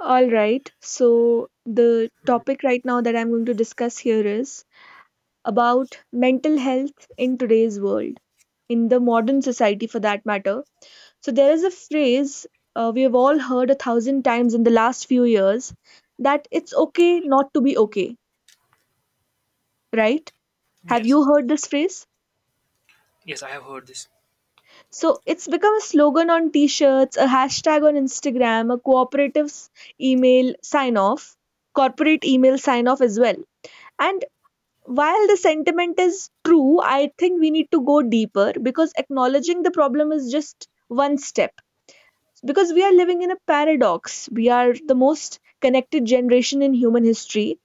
All right. So, the Mhm. topic right now that I'm going to discuss here is about mental health in today's world, in the modern society for that matter. So, there is a phrase we have all heard a thousand times in the last few years that it's okay not to be okay, right? Have Yes, you heard this phrase? yes, I have heard this. So, it's become a slogan on t shirts, a hashtag on Instagram, a cooperative's email sign off, corporate email sign off as well. And while the sentiment is true, I think we need to go deeper because acknowledging the problem is just one step. Because we are living in a paradox. We are the most connected generation in human history.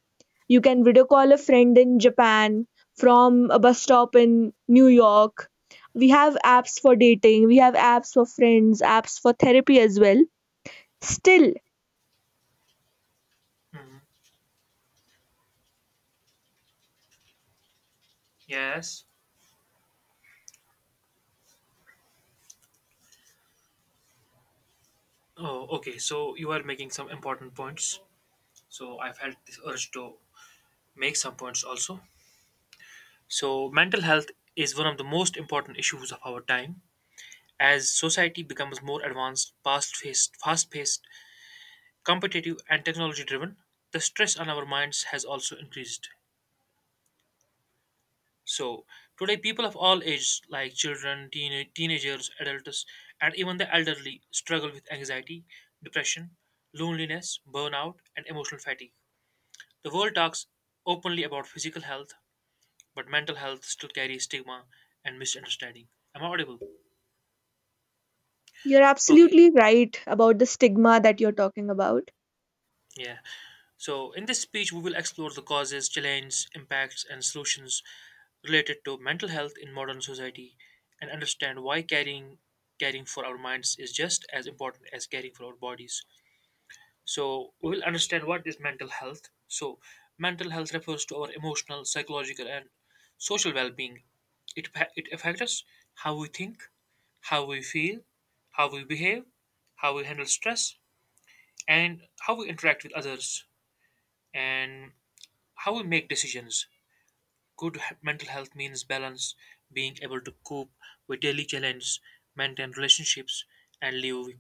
You can video call a friend in Japan from a bus stop in New York. We have apps for dating, we have apps for friends, apps for therapy as well. Still, Mhm. Yes. Oh, okay. So you are making some important points. So I felt this urge to make some points also. So mental health is one of the most important issues of our time. As society becomes more advanced, fast-paced, competitive, and technology-driven, the stress on our minds has also increased. So today, people of all ages, like children, teenagers, adults, and even the elderly, struggle with anxiety, depression, loneliness, burnout, and emotional fatigue. The world talks openly about physical health, but mental health still carries stigma and misunderstanding. Am I audible? you're Okay. absolutely right about the stigma that you're talking about. Yeah. So, in this speech, we will explore the causes, challenges, impacts, and solutions related to mental health in modern society, and understand why caring for our minds is just as important as caring for our bodies. So we will understand what is mental health. So mental health refers to our emotional, psychological, and social well-being. It affects us, how we think, how we feel, how we behave, how we handle stress, and how we interact with others, and how we make decisions. Mental health means balance, being able to cope with daily challenges, maintain relationships, and live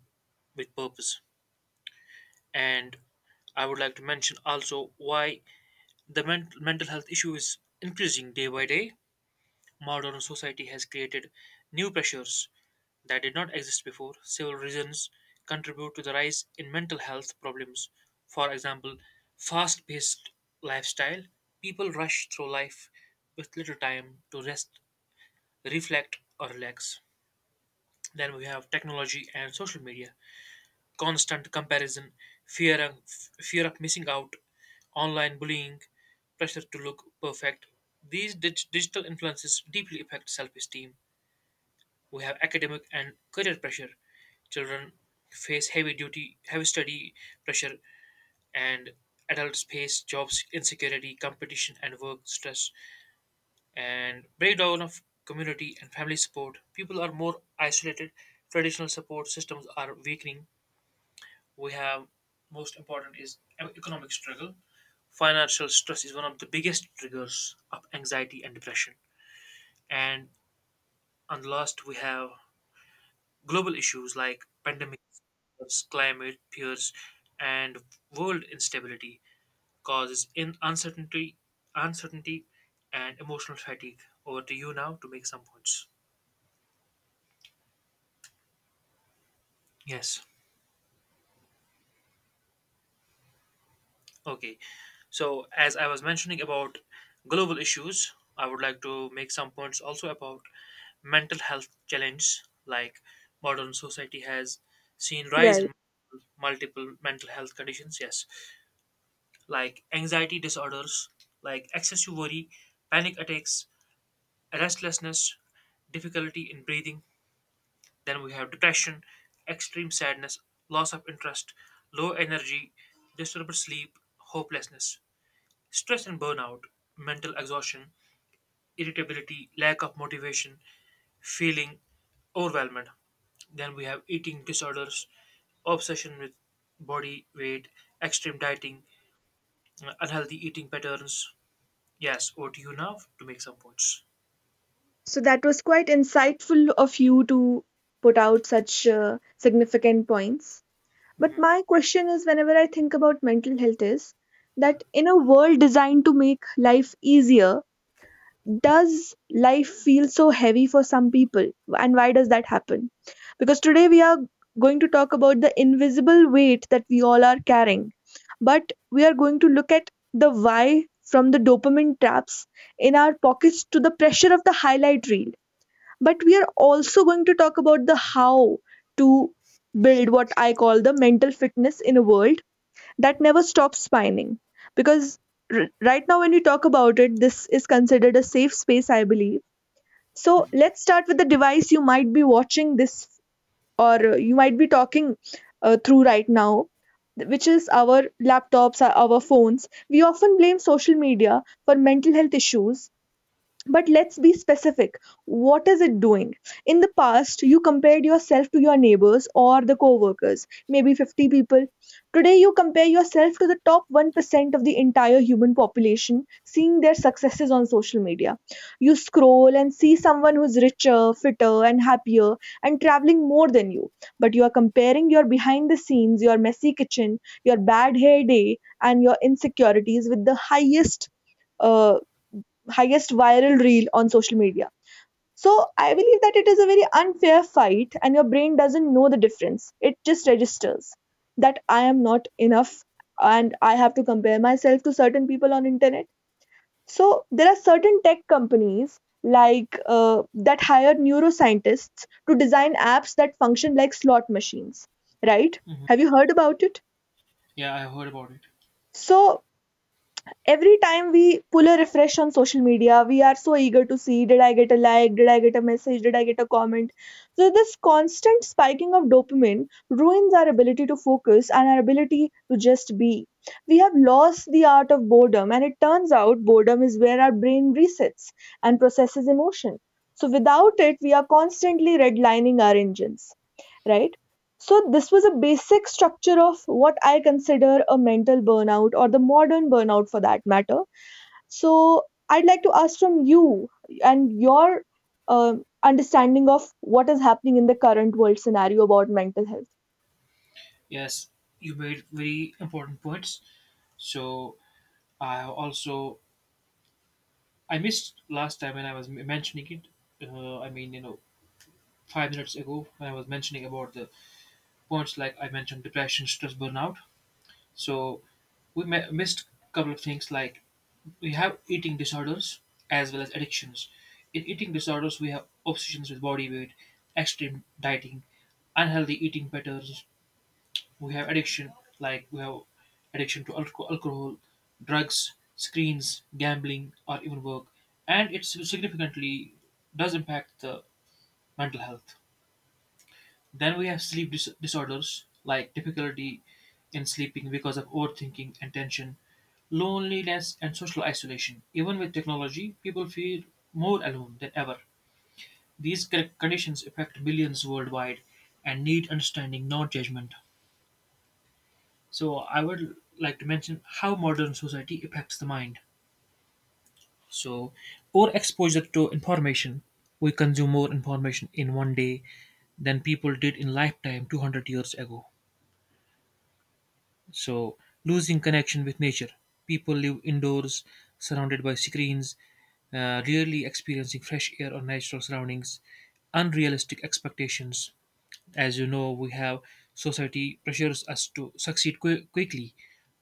with purpose. And I would like to mention also why the mental health issue is increasing day by day. Modern society has created new pressures that did not exist before. Several reasons contribute to the rise in mental health problems. For example, fast paced lifestyle. People rush through life with little time to rest, reflect, or relax. Then we have technology and social media. Constant comparison, fear of, fear of missing out, online bullying, pressure to look perfect. These digital influences deeply affect self esteem, who have academic and career pressure. Children face heavy duty, heavy study pressure, and adults face jobs insecurity, competition, and work stress, and breakdown of community and family support. People are more isolated. Traditional support systems are weakening. We have, most important is economic struggle. Financial stress is one of the biggest triggers of anxiety and depression. And on the last, we have global issues like pandemics, climate fears, and world instability causes in uncertainty, and emotional fatigue. Over to you now to make some points. Yes. Okay. So as I was mentioning about global issues, I would like to make some points also about mental health challenges. Like modern society has seen rise in multiple mental health conditions, yes, like anxiety disorders, like excessive worry, panic attacks, restlessness, difficulty in breathing. Then we have depression, extreme sadness, loss of interest, low energy, disturbed sleep, hopelessness, stress and burnout, mental exhaustion, irritability, lack of motivation, feeling overwhelmed. Then we have eating disorders, obsession with body weight, extreme dieting, unhealthy eating patterns. Yes, over to you now to make some points. So that was quite insightful of you to put out such significant points. But my Hmm. question is whenever I think about mental health is that in a world designed to make life easier, does life feel so heavy for some people? And why does that happen? Because today we are going to talk about the invisible weight that we all are carrying. But we are going to look at the why from the dopamine traps in our pockets to the pressure of the highlight reel, but we are also going to talk about the how to build what I call the mental fitness in a world that never stops spinning. Because right now, when we talk about it, this is considered a safe space, I believe. So let's start with the device you might be watching this, or you might be talking through right now, which is our laptops, our phones. We often blame social media for mental health issues, but let's be specific. What is it doing? In the past, you compared yourself to your neighbors or the coworkers, maybe 50 people. Today, you compare yourself to the top 1% of the entire human population, seeing their successes on social media. You scroll and see someone who's richer, fitter, and happier, and traveling more than you. But you are comparing your behind the scenes, your messy kitchen, your bad hair day, and your insecurities with the uh, highest viral reel on social media. So I believe that it is a very unfair fight, and your brain doesn't know the difference. It just registers that I am not enough and I have to compare myself to certain people on internet. So there are certain tech companies like that hire neuroscientists to design apps that function like slot machines, right? Hmm. Have you heard about it? Yeah, I heard about it. So every time we pull a refresh on social media, we are so eager to see did I get a like, did I get a message, did I get a comment. So, this constant spiking of dopamine ruins our ability to focus and our ability to just be. We have lost the art of boredom, and it turns out boredom is where our brain resets and processes emotion. So, without it, we are constantly redlining our engines, right? So, this was a basic structure of what I consider a mental burnout or the modern burnout for that matter. So, I'd like to ask from you and your understanding of what is happening in the current world scenario about mental health. Yes, you made very important points. So I also, I missed last time when I was mentioning it. I mean, you know, 5 minutes ago when I was mentioning about the points, like I mentioned depression, stress, burnout. So we missed a couple of things, like we have eating disorders as well as addictions. In eating disorders, we have obsessions with body weight, extreme dieting, unhealthy eating patterns. We have addiction, like we have addiction to alcohol, drugs, screens, gambling, or even work. And it significantly does impact the mental health. Then we have sleep disorders, like difficulty in sleeping because of overthinking and tension, loneliness and social isolation. Even with technology, people feel more alone than ever. These conditions affect millions worldwide and need understanding, not judgment. So, I would like to mention how modern society affects the mind. So, over exposure to information. We consume more information in one day than people did in lifetime 200 years ago. So, losing connection with nature. People live indoors, surrounded by screens, rarely experiencing fresh air or natural surroundings. Unrealistic expectations. As you know, we have society pressures us to succeed quickly,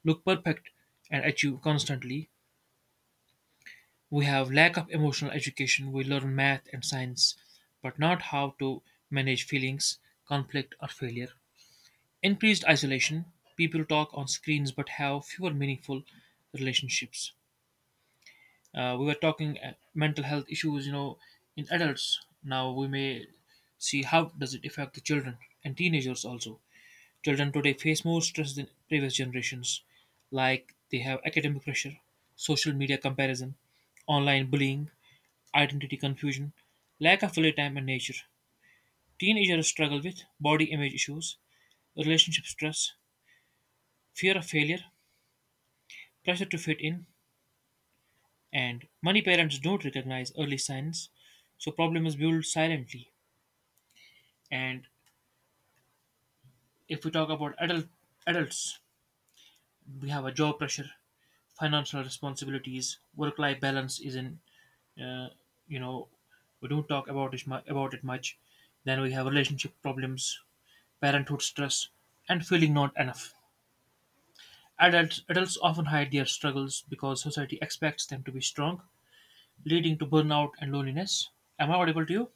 look perfect, and achieve constantly. We have lack of emotional education. We learn math and science, but not how to manage feelings, conflict, or failure. Increased isolation. People talk on screens but have fewer meaningful relationships. We were talking mental health issues, you know, in adults. Now we may see how does it affect the children and teenagers also. Children today face more stress than previous generations, like they have academic pressure, social media comparison, online bullying, identity confusion, lack of play time and nature. Teenagers struggle with body image issues, relationship stress, fear of failure, pressure to fit in, and many parents don't recognize early signs, so problem is built silently. And if we talk about adults, we have a job pressure, financial responsibilities, work-life balance is in. Uh, you know, we don't talk about it about it much. Then we have relationship problems, parenthood stress, and feeling not enough. Adults often hide their struggles because society expects them to be strong, leading to burnout and loneliness. Am I audible to you?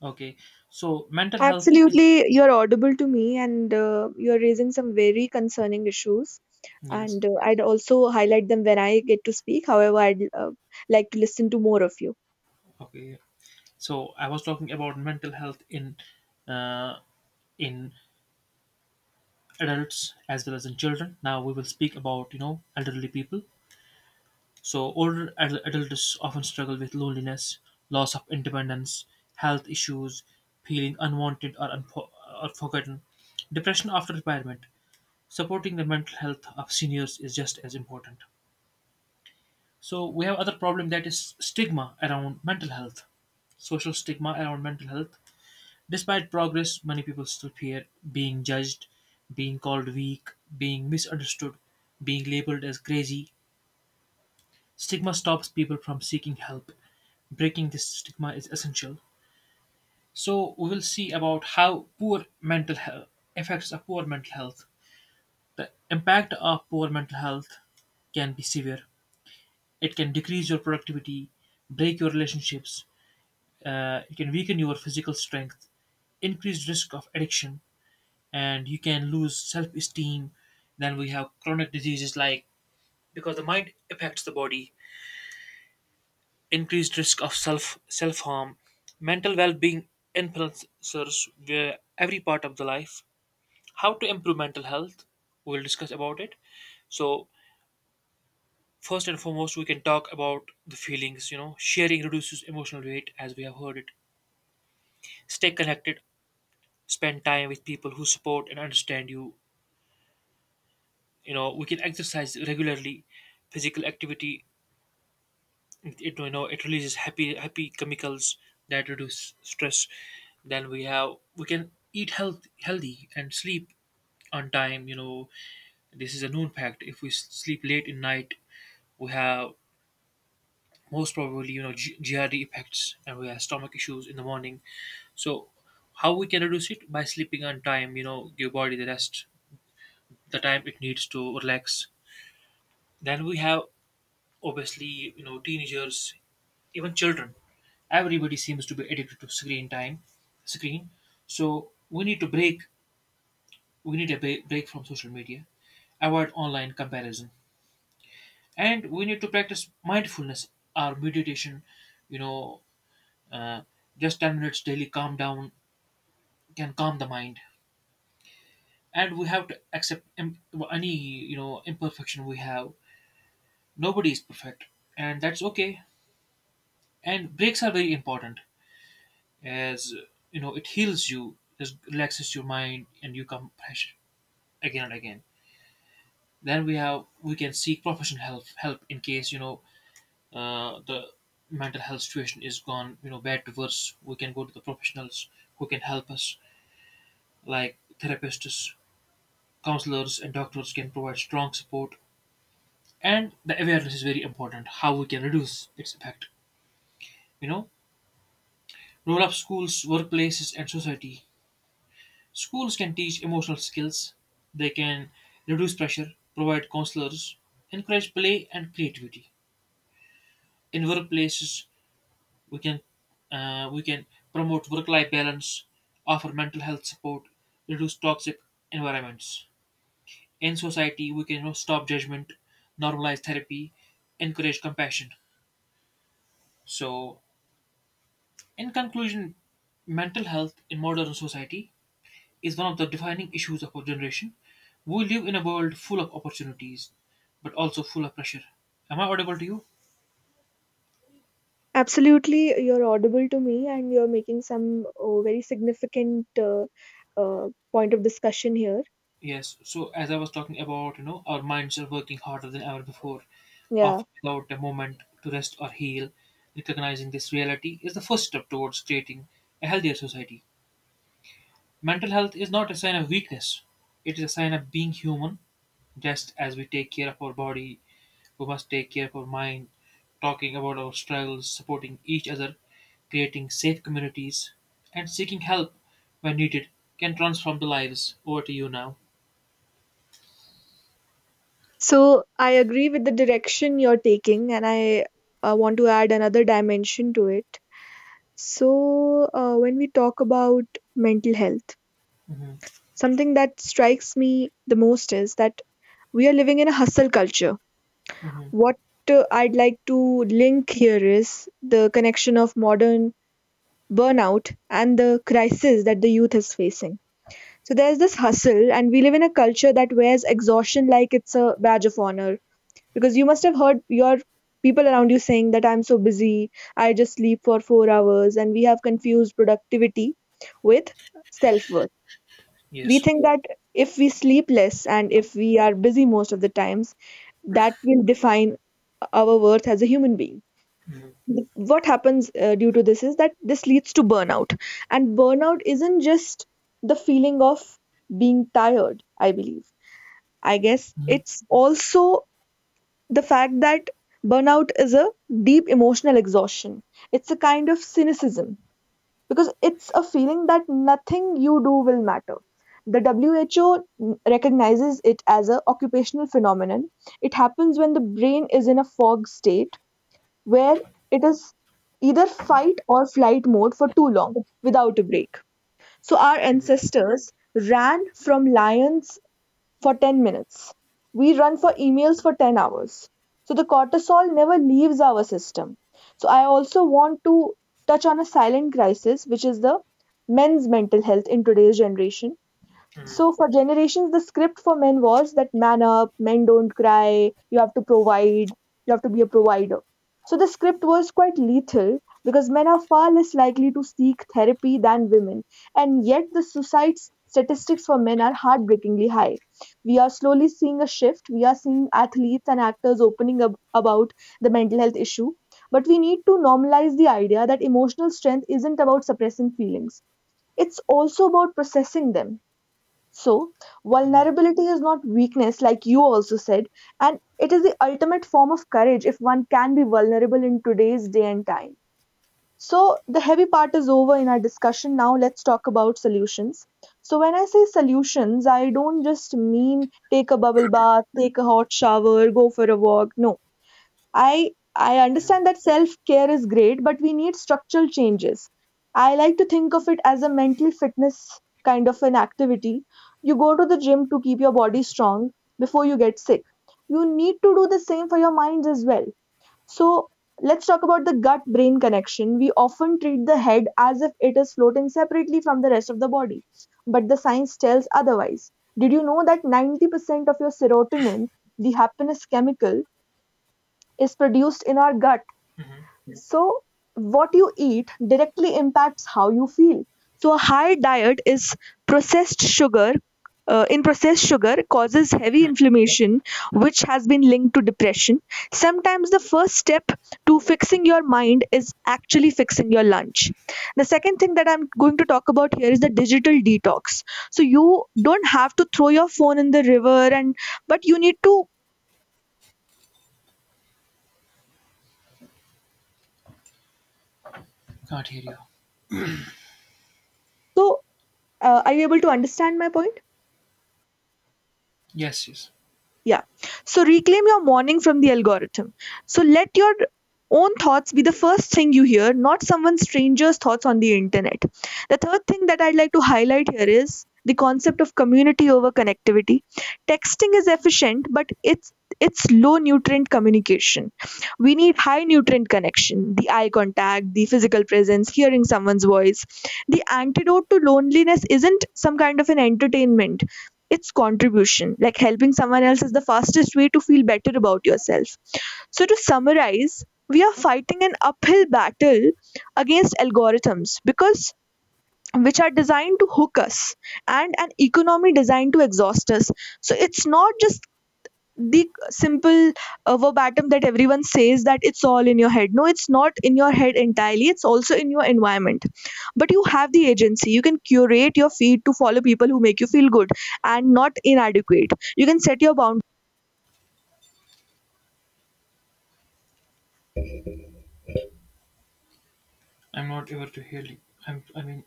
Okay, so mental health is, Absolutely, you're audible to me, and you're raising some very concerning issues. yes. And I'd also highlight them when I get to speak. However, I'd like to listen to more of you. Okay, so I was talking about mental health in uh, in adults as well as in children. Now we will speak about, you know, elderly people. So older adults often struggle with loneliness, loss of independence, health issues, feeling unwanted or forgotten, depression after retirement. Supporting the mental health of seniors is just as important. So we have other problem, that is stigma around mental health, social stigma around mental health. Despite progress, many people still fear being judged, being called weak, being misunderstood, being labeled as crazy. Stigma stops people from seeking help. Breaking this stigma is essential. So we will see about how poor mental health affects a poor mental health. The impact of poor mental health can be severe. It can decrease your productivity, break your relationships. It can weaken your physical strength, increased risk of addiction, and you can lose self esteem. Then we have chronic diseases, like because the mind affects the body, increased risk of self harm. Mental well being influences where every part of the life. How to improve mental health? We'll discuss about it. So first and foremost, we can talk about the feelings. You know, sharing reduces emotional weight, as we have heard it. Stay connected. Spend time with people who support and understand you. You know, we can exercise regularly, physical activity. It, you know, it releases happy chemicals that reduce stress. Then we have, we can eat healthy and sleep on time. You know, this is a known fact, if we sleep late in night, we have most probably, you know, GRD effects, and we have stomach issues in the morning. So how we can reduce it by sleeping on time, you know, give body the rest, the time it needs to relax. Then we have, obviously, you know, teenagers, even children, everybody seems to be addicted to screen time, screen. So we need to break, we need a break from social media, avoid online comparison, and we need to practice mindfulness or meditation. You know, uh, just 10 minutes daily calm down can calm the mind. And we have to accept any, you know, imperfection we have. Nobody is perfect, and that's okay. And breaks are very important, as you know, it heals you, it relaxes your mind and you come fresh again and again. Then we have, we can seek professional help in case, you know, the mental health situation is gone, you know, bad to worse, we can go to the professionals who can help us, like therapists, counselors, and doctors can provide strong support. And the awareness is very important, how we can reduce its effect, you know, roll up schools, workplaces, and society. Schools can teach emotional skills, they can reduce pressure, provide counselors, encourage play and creativity. In workplaces, we can we can promote work-life balance, offer mental health support, reduce toxic environments. In society, we can, you know, stop judgment, normalize therapy, encourage compassion. So, in conclusion, mental health in modern society is one of the defining issues of our generation. We live in a world full of opportunities, but also full of pressure. Am I audible to you? Absolutely, you're audible to me, and you're making some very significant point of discussion here. Yes. So as I was talking about, you know, our minds are working harder than ever before, Yeah. often without a moment to rest or heal. Recognizing this reality is the first step towards creating a healthier society. Mental health is not a sign of weakness; it is a sign of being human. Just as we take care of our body, we must take care careful mind, talking about our struggles, supporting each other, creating safe communities, and seeking help when needed can transform the lives. Over to you now. So I agree with the direction you're taking, and I want to add another dimension to it. So when we talk about mental health, Mhm. something that strikes me the most is that we are living in a hustle culture. Mhm. What I'd like to link here is the connection of modern burnout and the crisis that the youth is facing. So there's this hustle, and we live in a culture that wears exhaustion like it's a badge of honor, because you must have heard your people around you saying that I'm so busy, I just sleep for 4 hours. And we have confused productivity with self worth. We Yes. think that if we sleep less and if we are busy most of the times, that will define our worth as a human being. Hmm, What happens due to this is that this leads to burnout, and burnout isn't just the feeling of being tired, I believe, I guess. mhm, It's also the fact that burnout is a deep emotional exhaustion. It's a kind of cynicism because it's a feeling that nothing you do will matter. The WHO recognizes it as an occupational phenomenon. It happens when the brain is in a fog state where it is either fight or flight mode for too long without a break. So our mhm, ancestors ran from lions for 10 minutes. We run for emails for 10 hours. So the cortisol never leaves our system. So I also want to touch on a silent crisis, which is the men's mental health in today's generation. mhm, So for generations, the script for men was that man up, men don't cry, you have to provide, you have to be a provider. So the script was quite lethal because men are far less likely to seek therapy than women, and yet the suicide statistics for men are heartbreakingly high. We are slowly seeing a shift. We are seeing athletes and actors opening up about the mental health issue, but we need to normalize the idea that emotional strength isn't about suppressing feelings. It's also about processing them. So, mhm, vulnerability is not weakness, like you also said, and it is the ultimate form of courage if one can be vulnerable in today's day and time. So, the heavy part is over in our discussion. Now, let's talk about solutions. So, when I say solutions, I don't just mean take a bubble bath, take a hot shower, go for a walk. No, I mhm, understand that self care is great, but we need structural changes. I like to think of it as a mental fitness kind of an activity. You go to the gym to keep your body strong before you get sick. You need to do the same for your minds as well. So let's talk about the gut brain connection. We often treat the head as if it is floating separately from the rest of the body, but the science tells otherwise. Did you know that 90% of your serotonin, the happiness chemical, is produced in our gut. mhm. So, what you eat directly impacts how you feel. So, a high diet is processed sugar. In processed sugar causes heavy inflammation, which has been linked to depression. Sometimes the first step to fixing your mind is actually fixing your lunch. The second thing that I'm going to talk about here is the digital detox. So you don't have to throw your phone in the river, and but you need to. Can't hear you. So are you able to understand my point? Yes, yes. Yeah. So reclaim your morning from the algorithm. So let your own thoughts be the first thing you hear, not someone stranger's thoughts on the internet. The third thing that I'd like to highlight here is the concept of community over connectivity. Texting is efficient, but it's low nutrient communication. We need high nutrient connection, the eye contact, the physical presence, hearing someone's voice. The antidote to loneliness isn't some kind of an entertainment, it's contribution. Like helping someone else is the fastest way to feel better about yourself. So, to summarize, we are fighting an uphill battle against algorithms because which are designed to hook us, and an economy designed to exhaust us. So, it's not just the simple verbatim that everyone says that it's all in your head. No, it's not in your head entirely, it's also in your environment. But you have the agency, you can curate your feed to follow people who make you feel good and not inadequate. You can set your boundaries. I'm not able to hear you. I'm, I mean,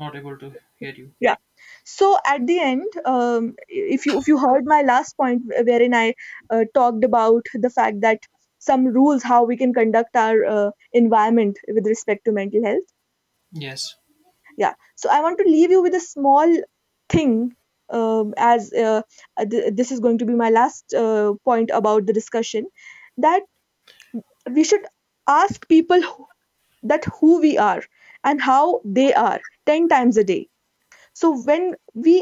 not able to hear you. Yeah. So at the end, if you heard my last point wherein I talked about the fact that some rules how we can conduct our environment with respect to mental health. Yes. Yeah. So I want to leave you with a small thing, um, as uh, this is going to be my last point about the discussion, that we should ask that who we are and how they are 10 times a day. So when we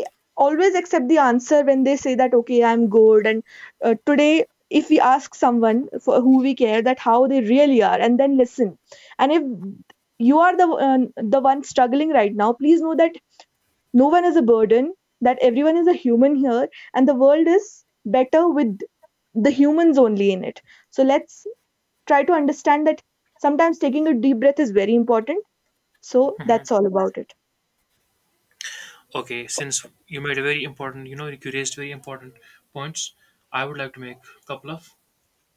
always accept the answer when they say that okay I'm good. And today, if we ask someone for who we care that how they really are and then listen. And if you are the one struggling right now, please know that no one is a burden, that everyone is a human here, and the world is better with the humans only in it. So let's try to understand that sometimes taking a deep breath is very important. So that's all about it. Okay, since you made a very important, you raised very important points, I would like to make a couple of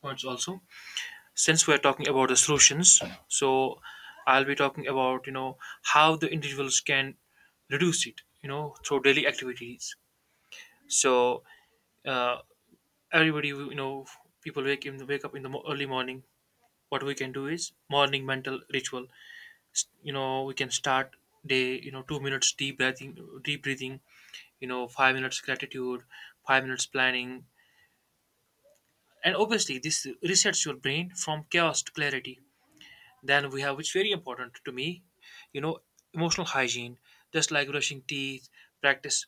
points also. Since we're talking about the solutions, so I'll be talking about how the individuals can reduce it, through daily activities. So uh, everybody, people wake up in the early morning. What we can do is morning mental ritual. We can start day. 2 minutes deep breathing, deep breathing. 5 minutes gratitude, 5 minutes planning, and obviously this resets your brain from chaos to clarity. Then we have, which very important to me, you know, emotional hygiene, just like brushing teeth, practice,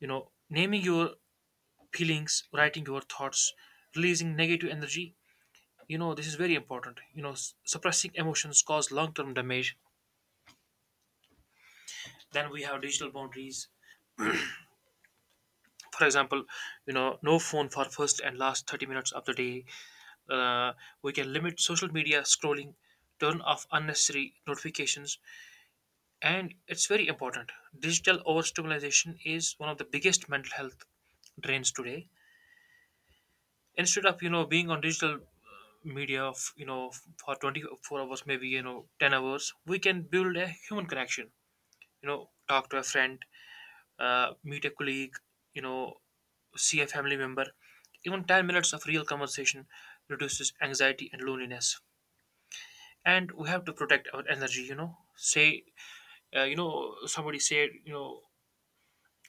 naming your feelings, writing your thoughts, releasing negative energy. This is very important. Suppressing emotions cause long term damage. Then we have digital boundaries. For example, no phone for first and last 30 minutes of the day. Uh, we can limit social media scrolling, turn off unnecessary notifications, and it's very important. Digital overstimulation is one of the biggest mental health drains today. Instead of being on digital media of you know for 24 hours, maybe 10 hours, we can build a human connection. Talk to a friend, meet a colleague, you know see a family member. Even 10 minutes of real conversation reduces anxiety and loneliness. And we have to protect our energy you know say you know Somebody said,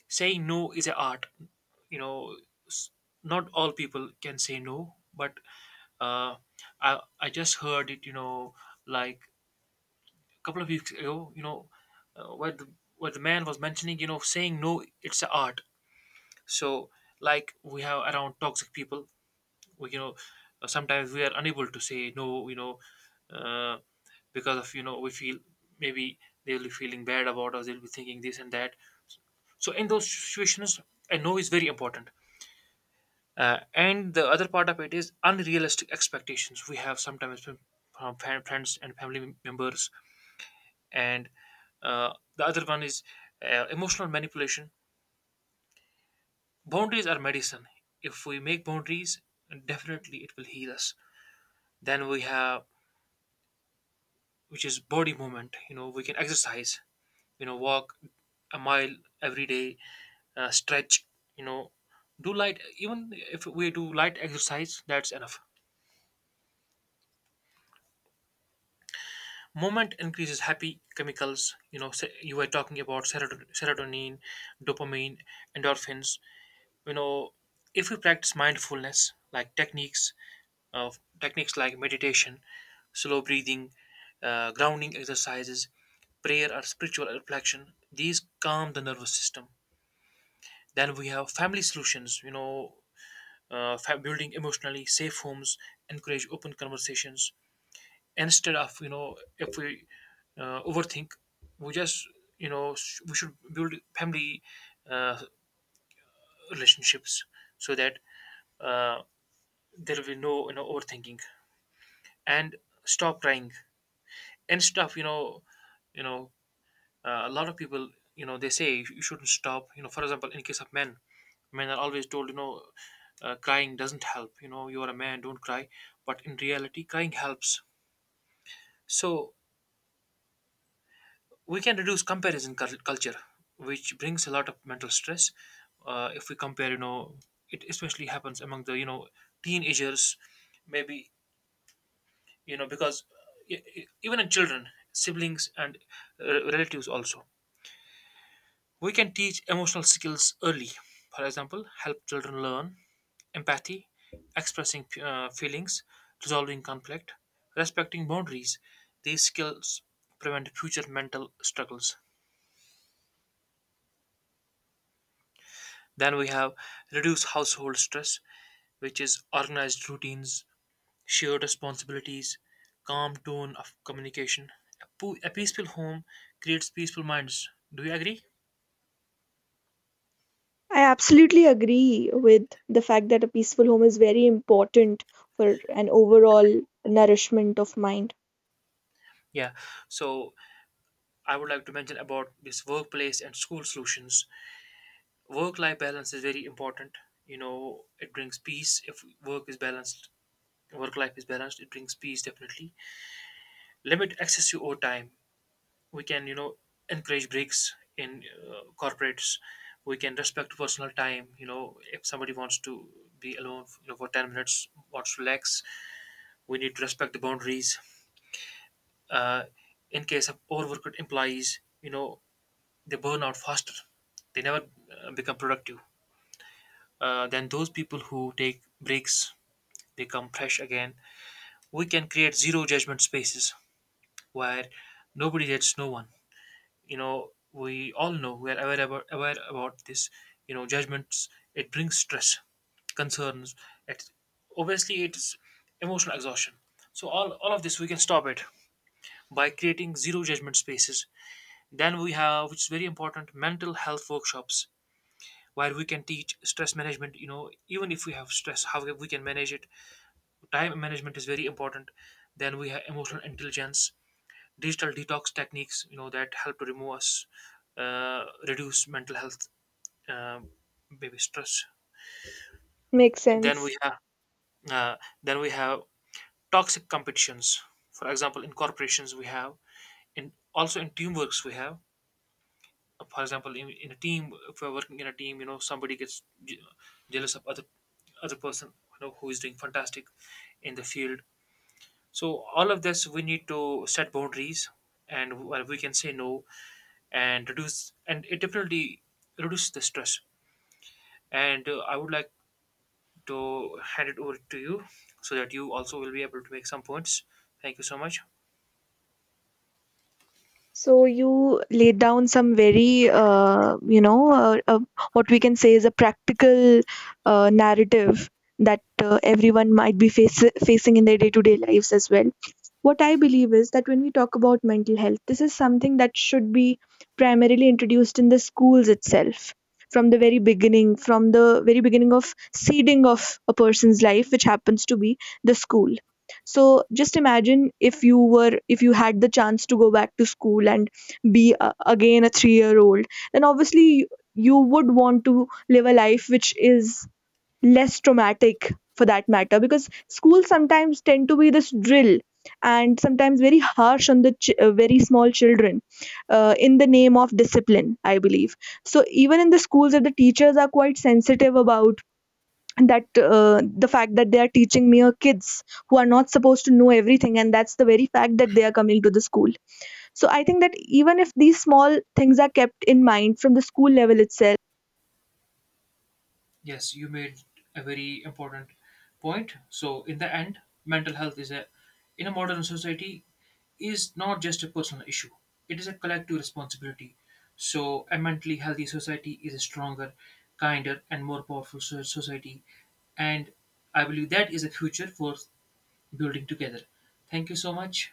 saying no is an art. you know s- Not all people can say no, but uh, I just heard it, like a couple of weeks ago, where the man was mentioning, saying no, it's an art. So, like we have around toxic people. We sometimes we are unable to say no uh, because of, we feel maybe they'll be feeling bad about us, they'll be thinking this and that. So in those situations, a no is very important. And the other part of it is unrealistic expectations we have sometimes from friends and family members. And the other one is emotional manipulation. Boundaries are medicine. If we make boundaries, definitely it will heal us. Then we have, which is body movement. We can exercise. Walk a mile every day, stretch. You know, do light. Even if we do light exercise, that's enough. Moment increases happy chemicals. You were talking about serotonin, dopamine, endorphins. You know, if we practice mindfulness, like techniques of techniques like meditation, slow breathing, grounding exercises, prayer or spiritual reflection, these calm the nervous system. Then we have family solutions. Building emotionally safe homes, encourage open conversations, instead of if we overthink, we just we should build family uh, relationships, so that uh, there will be no overthinking and stop crying and stuff. You know a lot of people, they say, you shouldn't stop. For example, in case of men, men are always told, crying doesn't help. You are a man, don't cry, but in reality crying helps. So we can reduce comparison culture, which brings a lot of mental stress. If we compare, it especially happens among the, teenagers, maybe, because, even in children, siblings, and relatives also. We can teach emotional skills early. For example, help children learn empathy, expressing feelings, resolving conflict, respecting boundaries. These skills prevent future mental struggles. Then we have reduce household stress, which is organized routines, shared responsibilities, calm tone of communication. A peaceful home creates peaceful minds. Do you agree? I absolutely agree with the fact that a peaceful home is very important for an overall nourishment of mind. Yeah. So I would like to mention about this workplace and school solutions. Work-life balance is very important. It brings peace if work is balanced. Work life is balanced, it brings peace definitely. Limit excessive overtime. We can, encourage breaks in corporates. We can respect personal time. If somebody wants to be alone, for 10 minutes wants to relax, we need to respect the boundaries. uh, in case of overworked employees, they burn out faster. They never become productive. Then those people who take breaks, they come fresh again. We can create zero judgment spaces where nobody judges no one. We all know we are aware about this. Judgments, it brings stress concerns. It obviously, it's emotional exhaustion. So, all of this we can stop it by creating zero judgment spaces. Then we have, which is very important, mental health workshops where we can teach stress management. Even if we have stress, how we can manage it, time management is very important. Then we have emotional intelligence, digital detox techniques, that help to remove us, reduce mental health, um maybe stress. Makes Then sense. we have, uh, then we have toxic competitions. For example, in corporations we have, in also in teamworks we have. For example, in a team, if we're working in a team, somebody gets jealous of other person, who is doing fantastic in the field. So all of this, we need to set boundaries and where we can say no and reduce. And it definitely reduces the stress. And I would like to hand it over to you so that you also will be able to make some points. Thank you so much. So you laid down some very, you know, what we can say is a practical narrative that everyone might be face- facing in their day-to-day lives as well. What I believe is that when we talk about mental health, this is something that should be primarily introduced in the schools itself from the very beginning, from the very beginning of seeding of a person's life, which happens to be the school. So just imagine if you were, if you had the chance to go back to school and be a, again a 3-year old, then obviously you would want to live a life which is less traumatic for that matter, because schools sometimes tend to be this drill and sometimes very harsh on the very small children in the name of discipline, I believe. So even in the schools, if the teachers are quite sensitive about that, the fact that they are teaching mere kids who are not supposed to know everything, and that's the very fact that they are coming to the school. So I think that even if these small things are kept in mind from the school level itself Yes, you made a very important point. So, in the end, mental health is a in a modern society is not just a personal issue. It is a collective responsibility. So, a mentally healthy society is a stronger, kinder, and more powerful society. And I believe that is a future for building together. Thank you so much.